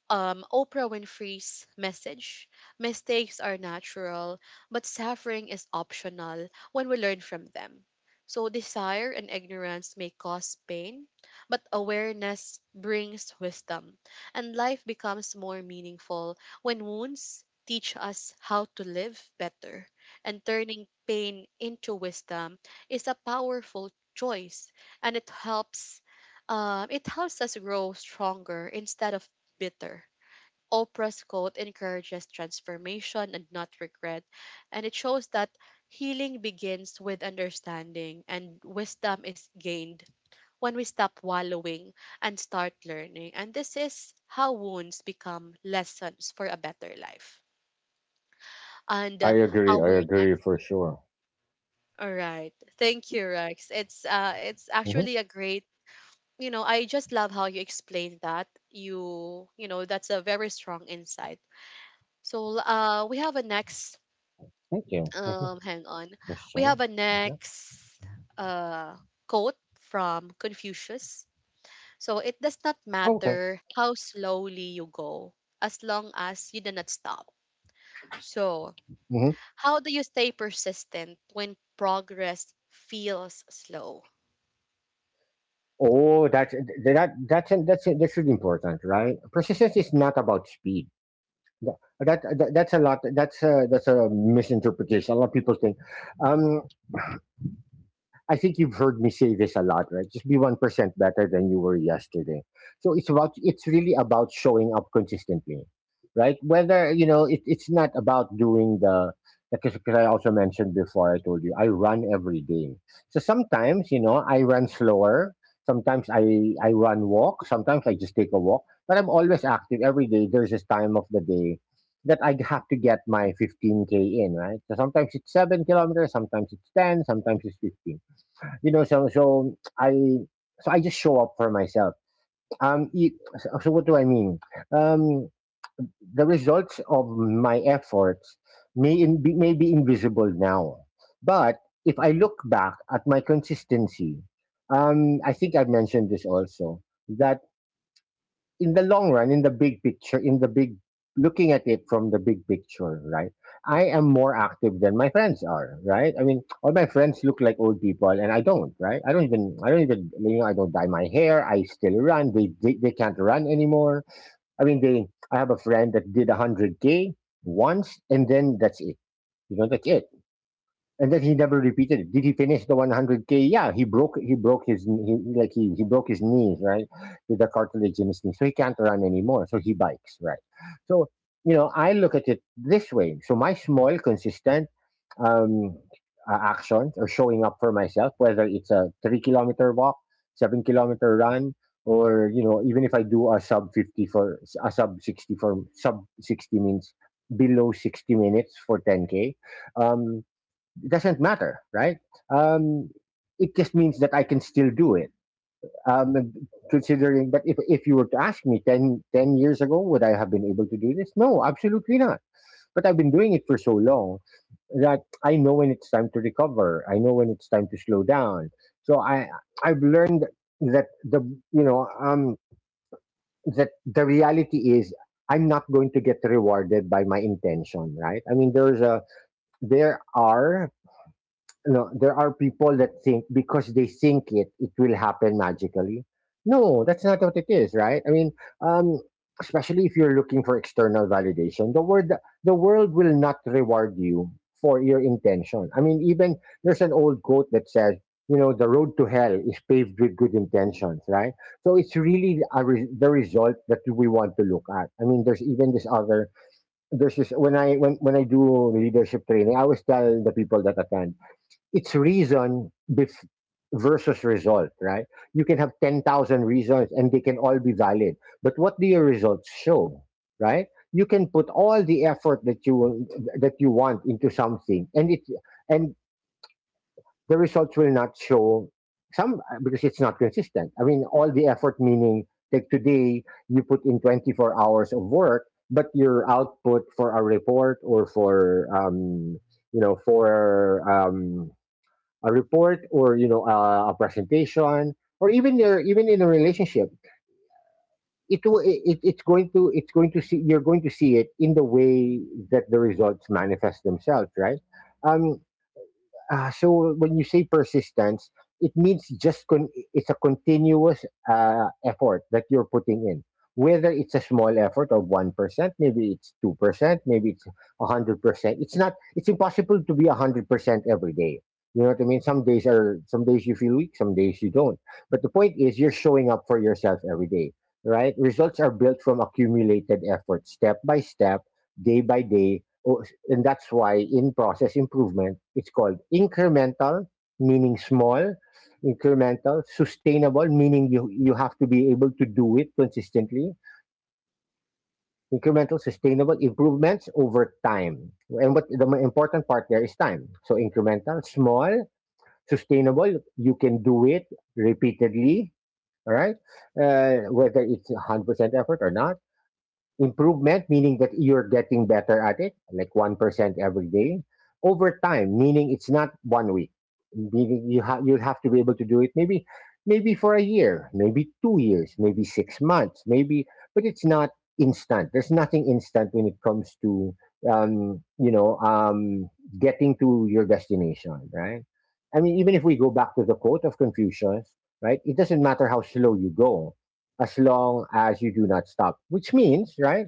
Speaker 1: um, Oprah Winfrey's message: mistakes are natural, but suffering is optional when we learn from them. So, desire and ignorance may cause pain, but awareness brings wisdom, and life becomes more meaningful when wounds teach us how to live better. And turning pain into wisdom is a powerful choice, and it helps. Um, it helps us grow stronger instead of bitter. Oprah's quote encourages transformation and not regret, and it shows that healing begins with understanding, and wisdom is gained when we stop wallowing and start learning. And this is how wounds become lessons for a better life. And
Speaker 2: I
Speaker 1: uh,
Speaker 2: agree.
Speaker 1: our
Speaker 2: I agree
Speaker 1: next
Speaker 2: for sure.
Speaker 1: all right. Thank you, Rex.
Speaker 2: Mhm.
Speaker 1: It's uh it's actually a great, you know, I just love how you explained that. You you know, that's a very strong insight. So uh we have a next
Speaker 2: Thank you. Mhm.
Speaker 1: um hang on,
Speaker 2: Question.
Speaker 1: we have a
Speaker 2: Okay.
Speaker 1: next uh quote from Confucius. So, it does not
Speaker 2: Oh, okay.
Speaker 1: matter how slowly you go, as long as you do not stop. So,
Speaker 2: Mhm.
Speaker 1: how do you stay persistent when progress feels slow?
Speaker 2: Oh, that's that- that's that's that's really important, right? Persistence is not about speed. That, that that's a lot. That's a that's a misinterpretation. A lot of people think. Um, I think you've heard me say this a lot, right? Just be one percent better than you were yesterday. So it's about, it's really about showing up consistently, right? Whether, you know— it, it's not about doing the— because because I also mentioned before, I told you, I run every day. So sometimes, you know, I run slower. Sometimes I, I run walk. Sometimes I just take a walk. But I'm always active every day. There's this time of the day that I have to get my fifteen K in, right? So sometimes it's seven kilometers, sometimes it's ten, sometimes it's fifteen, you know. So so i so i just show up for myself. Um it, so so what do I mean? Um the results of my efforts may— in, be, may be invisible now. But if I look back at my consistency, um I think I've mentioned this also, that in the long run, in the big picture, in the big— looking at it from the big picture, right? I am more active than my friends are, right? I mean, all my friends look like old people, and I don't, right? I don't even, I don't even, you know, I don't dye my hair. I still run. They they, they can't run anymore. I mean, they— I have a friend that did a hundred k once, and then that's it. You know, that's it, and then he never repeated it. Did he finish the one hundred k? Yeah, he broke he broke his— he, like he, he broke his knees, right, with the cartilage in his knee, so he can't run anymore. So he bikes, right. So, you know, I look at it this way. So my small consistent um, uh, actions, or showing up for myself, whether it's a three kilometer walk, seven kilometer run, or, you know, even if I do a sub fifty— for a sub sixty— for— sub sixty means below sixty minutes for ten k. Um, it doesn't matter, right? Um, it just means that I can still do it. Um, Considering, but if, if you were to ask me ten, ten years ago, would I have been able to do this? No, absolutely not. But I've been doing it for so long that I know when it's time to recover. I know when it's time to slow down. So I, I've learned that the, you know, um, that the reality is I'm not going to get rewarded by my intention, right? I mean, there's a, there are— no, there are people that think— because they think it, it will happen magically. No, that's not what it is, right? I mean, um, especially if you're looking for external validation, the word the world will not reward you for your intention. I mean, even there's an old quote that says, you know, the road to hell is paved with good intentions, right? So it's really a re- the result that we want to look at. I mean, there's even this other there's this— when I— when when I do leadership training, I always tell the people that attend, it's reason bef- versus result, right? You can have ten thousand reasons, and they can all be valid. But what do your results show, right? You can put all the effort that you will- that you want into something, and it and the results will not show, some— because it's not consistent. I mean, all the effort meaning like today you put in twenty-four hours of work, but your output for a report or for um, you know for um, a report or you know uh, a presentation or even your even in a relationship it will it, it- it's going to it's going to see you're going to see it in the way that the results manifest themselves, right? um uh, so when you say persistence, it means just con- it's a continuous uh, effort that you're putting in. Whether it's a small effort of one percent, maybe it's a two percent, maybe it's a hundred percent. It's not. It's impossible to be a hundred percent every day. You know what I mean? Some days are. Some days you feel weak. Some days you don't. But the point is, you're showing up for yourself every day, right? Results are built from accumulated effort, step by step, day by day. Oh, and that's why in process improvement, it's called incremental, meaning small, incremental, sustainable, meaning you, you have to be able to do it consistently, incremental, sustainable improvements over time. And what the mo- important part there is time. So incremental, small, sustainable, you can do it repeatedly, all right? Uh, whether it's one hundred percent effort or not improvement, meaning that you're getting better at it, like one percent every day. Over time, meaning it's not one week, meaning you ha- you'll have to be able to do it maybe maybe for a year, maybe two years, maybe six months, maybe, but it's not instant. There's nothing instant when it comes to um, you know, um, getting to your destination, right? I mean, even if we go back to the quote of Confucius, right, it doesn't matter how slow you go as long as you do not stop, which means, right,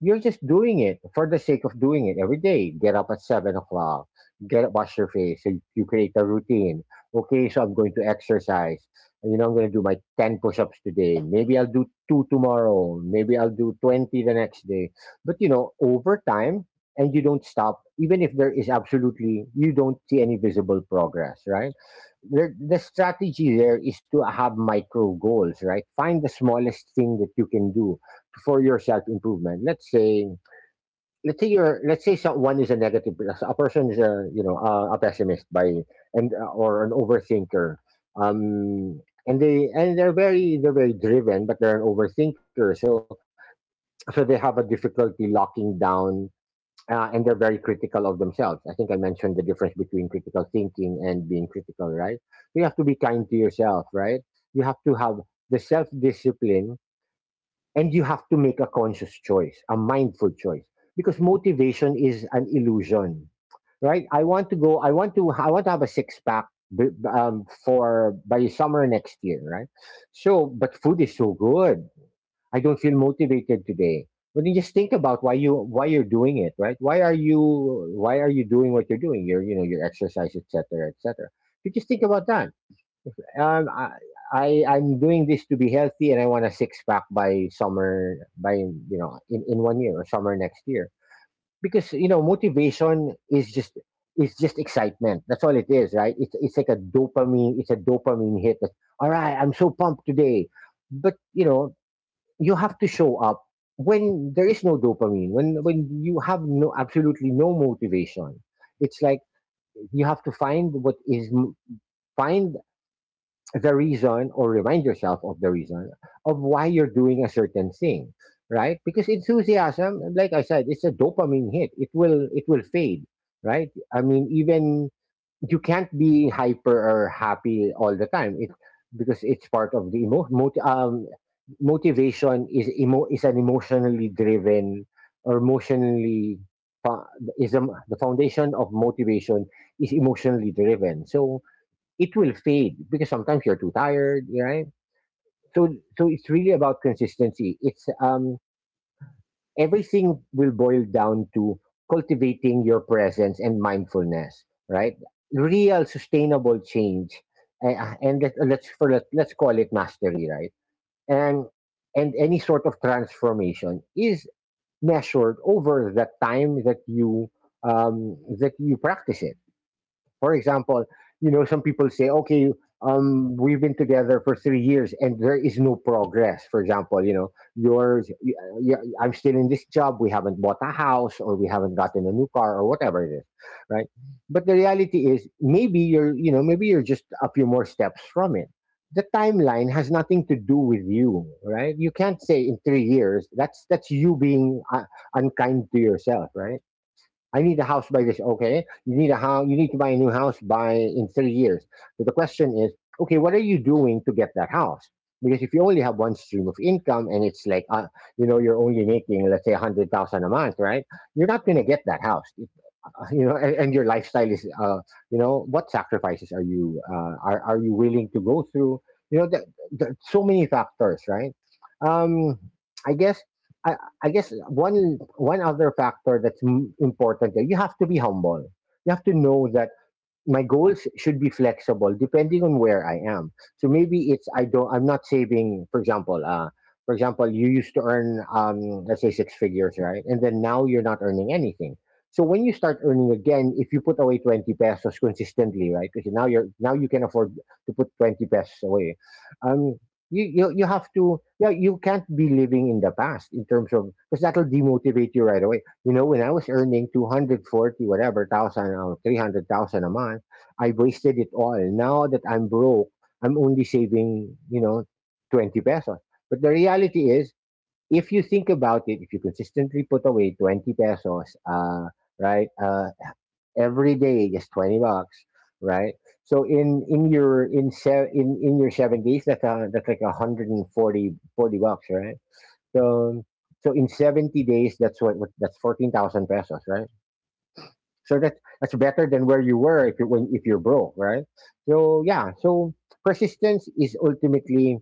Speaker 2: you're just doing it for the sake of doing it every day. Get up at seven o'clock. Get up, wash your face. So you create a routine. Okay, so I'm going to exercise. You know, I'm going to do my ten push-ups today. Maybe I'll do two tomorrow. Maybe I'll do twenty the next day. But you know, over time, and you don't stop, even if there is absolutely you don't see any visible progress, right? the, the strategy there is to have micro goals, right? Find the smallest thing that you can do for your self improvement. Let's say let's say you're let's say someone is a negative a person is a you know a, a pessimist by and or an overthinker. Um, and they and they're very they're very driven, but they're an overthinker. So so they have a difficulty locking down. Uh, and they're very critical of themselves. I think I mentioned the difference between critical thinking and being critical, right? You have to be kind to yourself, right? You have to have the self discipline and you have to make a conscious choice, a mindful choice, because motivation is an illusion, right? I want to go. I want to. I want to have a six pack b- b- um, for by summer next year, right? So, but food is so good. I don't feel motivated today. But then just think about why you why you're doing it, right? Why are you why are you doing what you're doing? You're you know your exercise, et cetera, et cetera. You just think about that. Um, I, I I'm doing this to be healthy, and I want a six pack by summer, by you know, in in one year or summer next year. Because you know, motivation is just is just excitement. That's all it is, right? It's it's like a dopamine. It's a dopamine hit. That's, all right, I'm so pumped today. But you know, you have to show up when there is no dopamine. When when you have no absolutely no motivation. It's like you have to find what is find the reason or remind yourself of the reason of why you're doing a certain thing, right? Because enthusiasm, like I said, it's a dopamine hit. It will it will fade, right? I mean, even you can't be hyper or happy all the time it because it's part of the emo- moti- um, motivation is emo- is an emotionally driven or emotionally fo- is a, the foundation of motivation is emotionally driven, so it will fade because sometimes you're too tired, right? So so it's really about consistency. It's um everything will boil down to cultivating your presence and mindfulness, right? Real sustainable change, uh, and let, let's for let, let's call it mastery, right? And and any sort of transformation is measured over the time that you um, that you practice it. For example, you know, some people say, okay, um, we've been together for three years and there is no progress. For example, you know, yours, y- y- I'm still in this job, we haven't bought a house or we haven't gotten a new car or whatever it is, right? But the reality is, maybe you're, you know, maybe you're just a few more steps from it. The timeline has nothing to do with you, right? You can't say in three years. That's that's you being uh, unkind to yourself, right? I need a house by this. Okay, you need a house. You need to buy a new house by in three years. So the question is, okay, what are you doing to get that house? Because if you only have one stream of income and it's like, uh, you know, you're only making, let's say, a hundred thousand a month, right? You're not going to get that house. <laughs> you know and, and your lifestyle is uh, you know what sacrifices are you uh, are, are you willing to go through, you know that, that so many factors, right? um i guess I, I guess one one other factor that's m- important there. You have to be humble, you have to know that my goals should be flexible depending on where I am. So maybe it's I don't I'm not saving, for example uh for example you used to earn, um let's say, six figures, right? And then now you're not earning anything. So when you start earning again, if you put away twenty pesos consistently, right? Because now you're now you can afford to put twenty pesos away. Um you, you, you have to, yeah, you can't be living in the past, in terms of, because that'll demotivate you right away. You know, when I was earning two hundred forty, whatever, thousand, or three hundred thousand a month, I wasted it all. Now that I'm broke, I'm only saving, you know, twenty pesos. But the reality is, if you think about it, if you consistently put away twenty pesos, uh, right, uh, every day, just twenty bucks, right? So in, in your, in, se- in, in your seventies, that's, uh, that's like a hundred and forty forty bucks, right? So so in seventy days, that's what, what that's fourteen thousand pesos, right? So that's that's better than where you were if you when if you're broke, right? So yeah, so persistence is ultimately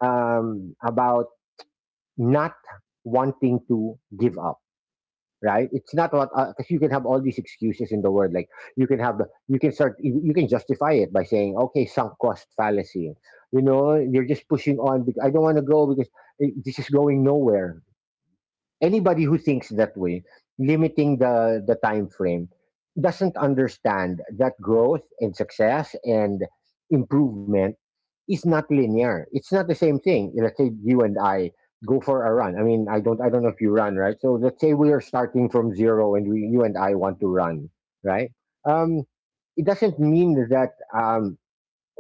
Speaker 2: um, about not wanting to give up, right? It's not what, because you can have all these excuses in the world. Like you can have the you can start you, you can justify it by saying, okay, sunk cost fallacy. You know, you're just pushing on because I don't want to go because eh, this is going nowhere. Anybody who thinks that way, limiting the the time frame, doesn't understand that growth and success and improvement is not linear. It's not the same thing. Let's say you and I go for a run. I mean, I don't I don't know if you run, right? So let's say we are starting from zero and we, you and I want to run, right? Um, it doesn't mean that um,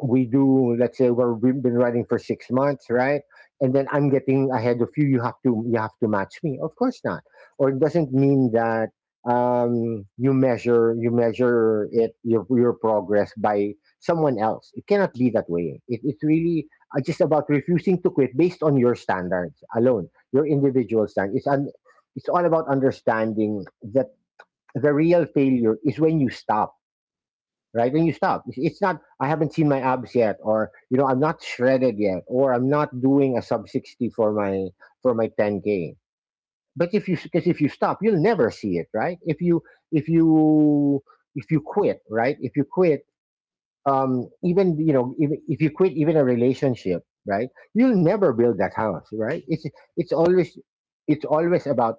Speaker 2: we do let's say we're, we've been running for six months, right? And then I'm getting ahead of you. You have to you have to match me, of course not. Or it doesn't mean that um, you measure you measure it your, your progress by someone else. It cannot be that way. It, it's really uh, just about refusing to quit based on your standards alone, your individual standards. It's, un, it's all about understanding that the real failure is when you stop, right? When you stop, it's, it's not, I haven't seen my abs yet, or, you know, I'm not shredded yet, or I'm not doing a sub sixty for my, for my, ten K. But if you, because if you stop, you'll never see it, right? If you, if you, if you quit, right? If you quit, um, even, you know, if, if you quit even a relationship, right? You'll never build that house, right? It's, it's always, it's always about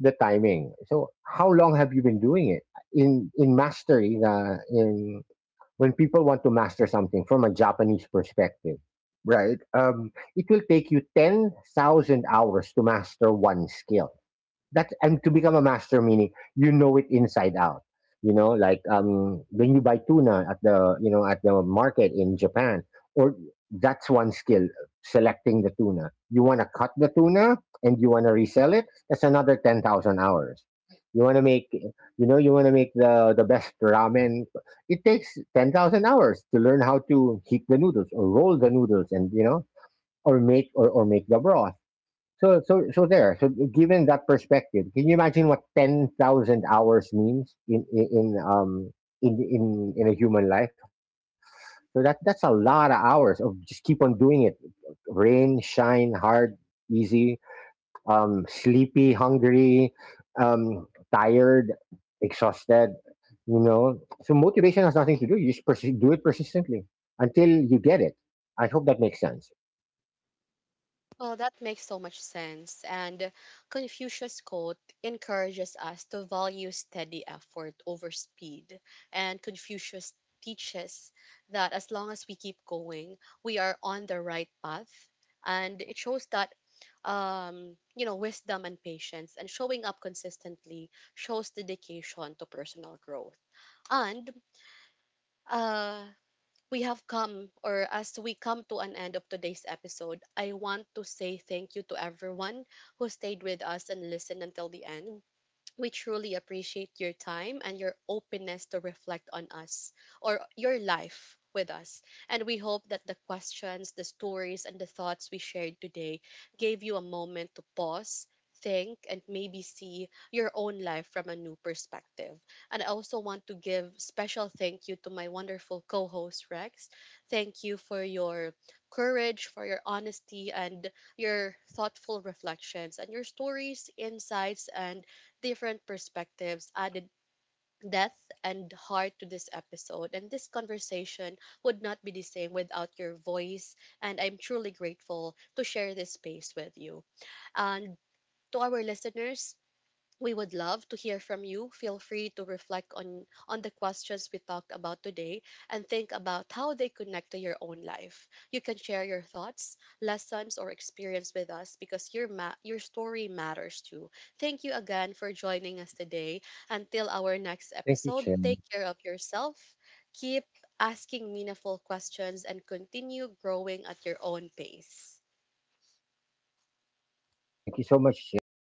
Speaker 2: the timing. So how long have you been doing it? In, in mastery, uh, in when people want to master something from a Japanese perspective, right? Um, it will take you ten thousand hours to master one skill, that's and to become a master, meaning you know it inside out. You know, like um when you buy tuna at the, you know at the market in Japan, or that's one skill. Selecting the tuna. You want to cut the tuna and you want to resell it. That's another ten thousand hours. You want to make, you know you want to make the the best ramen. It takes ten thousand hours to learn how to heat the noodles or roll the noodles, and you know or make, or, or make the broth. So so so there. So given that perspective, can you imagine what ten thousand hours means in in in, um in in in a human life? So that that's a lot of hours of just keep on doing it. Rain, shine, hard, easy, um, sleepy, hungry, um, tired, exhausted. You know, so motivation has nothing to do. You just persi- do it persistently until you get it. I hope that makes sense.
Speaker 1: Well, that makes so much sense. And Confucius' quote encourages us to value steady effort over speed. And Confucius teaches that as long as we keep going, we are on the right path. And it shows that um you know wisdom and patience and showing up consistently shows dedication to personal growth. And uh we have come, or as we come to an end of today's episode, I want to say thank you to everyone who stayed with us and listened until the end. We truly appreciate your time and your openness to reflect on us, or your life with us. And we hope that the questions, the stories, and the thoughts we shared today gave you a moment to pause, think, and maybe see your own life from a new perspective. And I also want to give special thank you to my wonderful co host, Rex. Thank you for your courage, for your honesty, and your thoughtful reflections, and your stories, insights, and different perspectives added depth and heart to this episode. And this conversation would not be the same without your voice. And I'm truly grateful to share this space with you. And to our listeners, we would love to hear from you. Feel free to reflect on on the questions we talked about today and think about how they connect to your own life. You can share your thoughts, lessons or experience with us, because your ma- your story matters too. Thank you again for joining us today. Until our next
Speaker 2: Thank you,
Speaker 1: episode,
Speaker 2: Chin.
Speaker 1: take care of yourself. Keep asking meaningful questions and continue growing at your own pace.
Speaker 2: Thank you so much, Chin.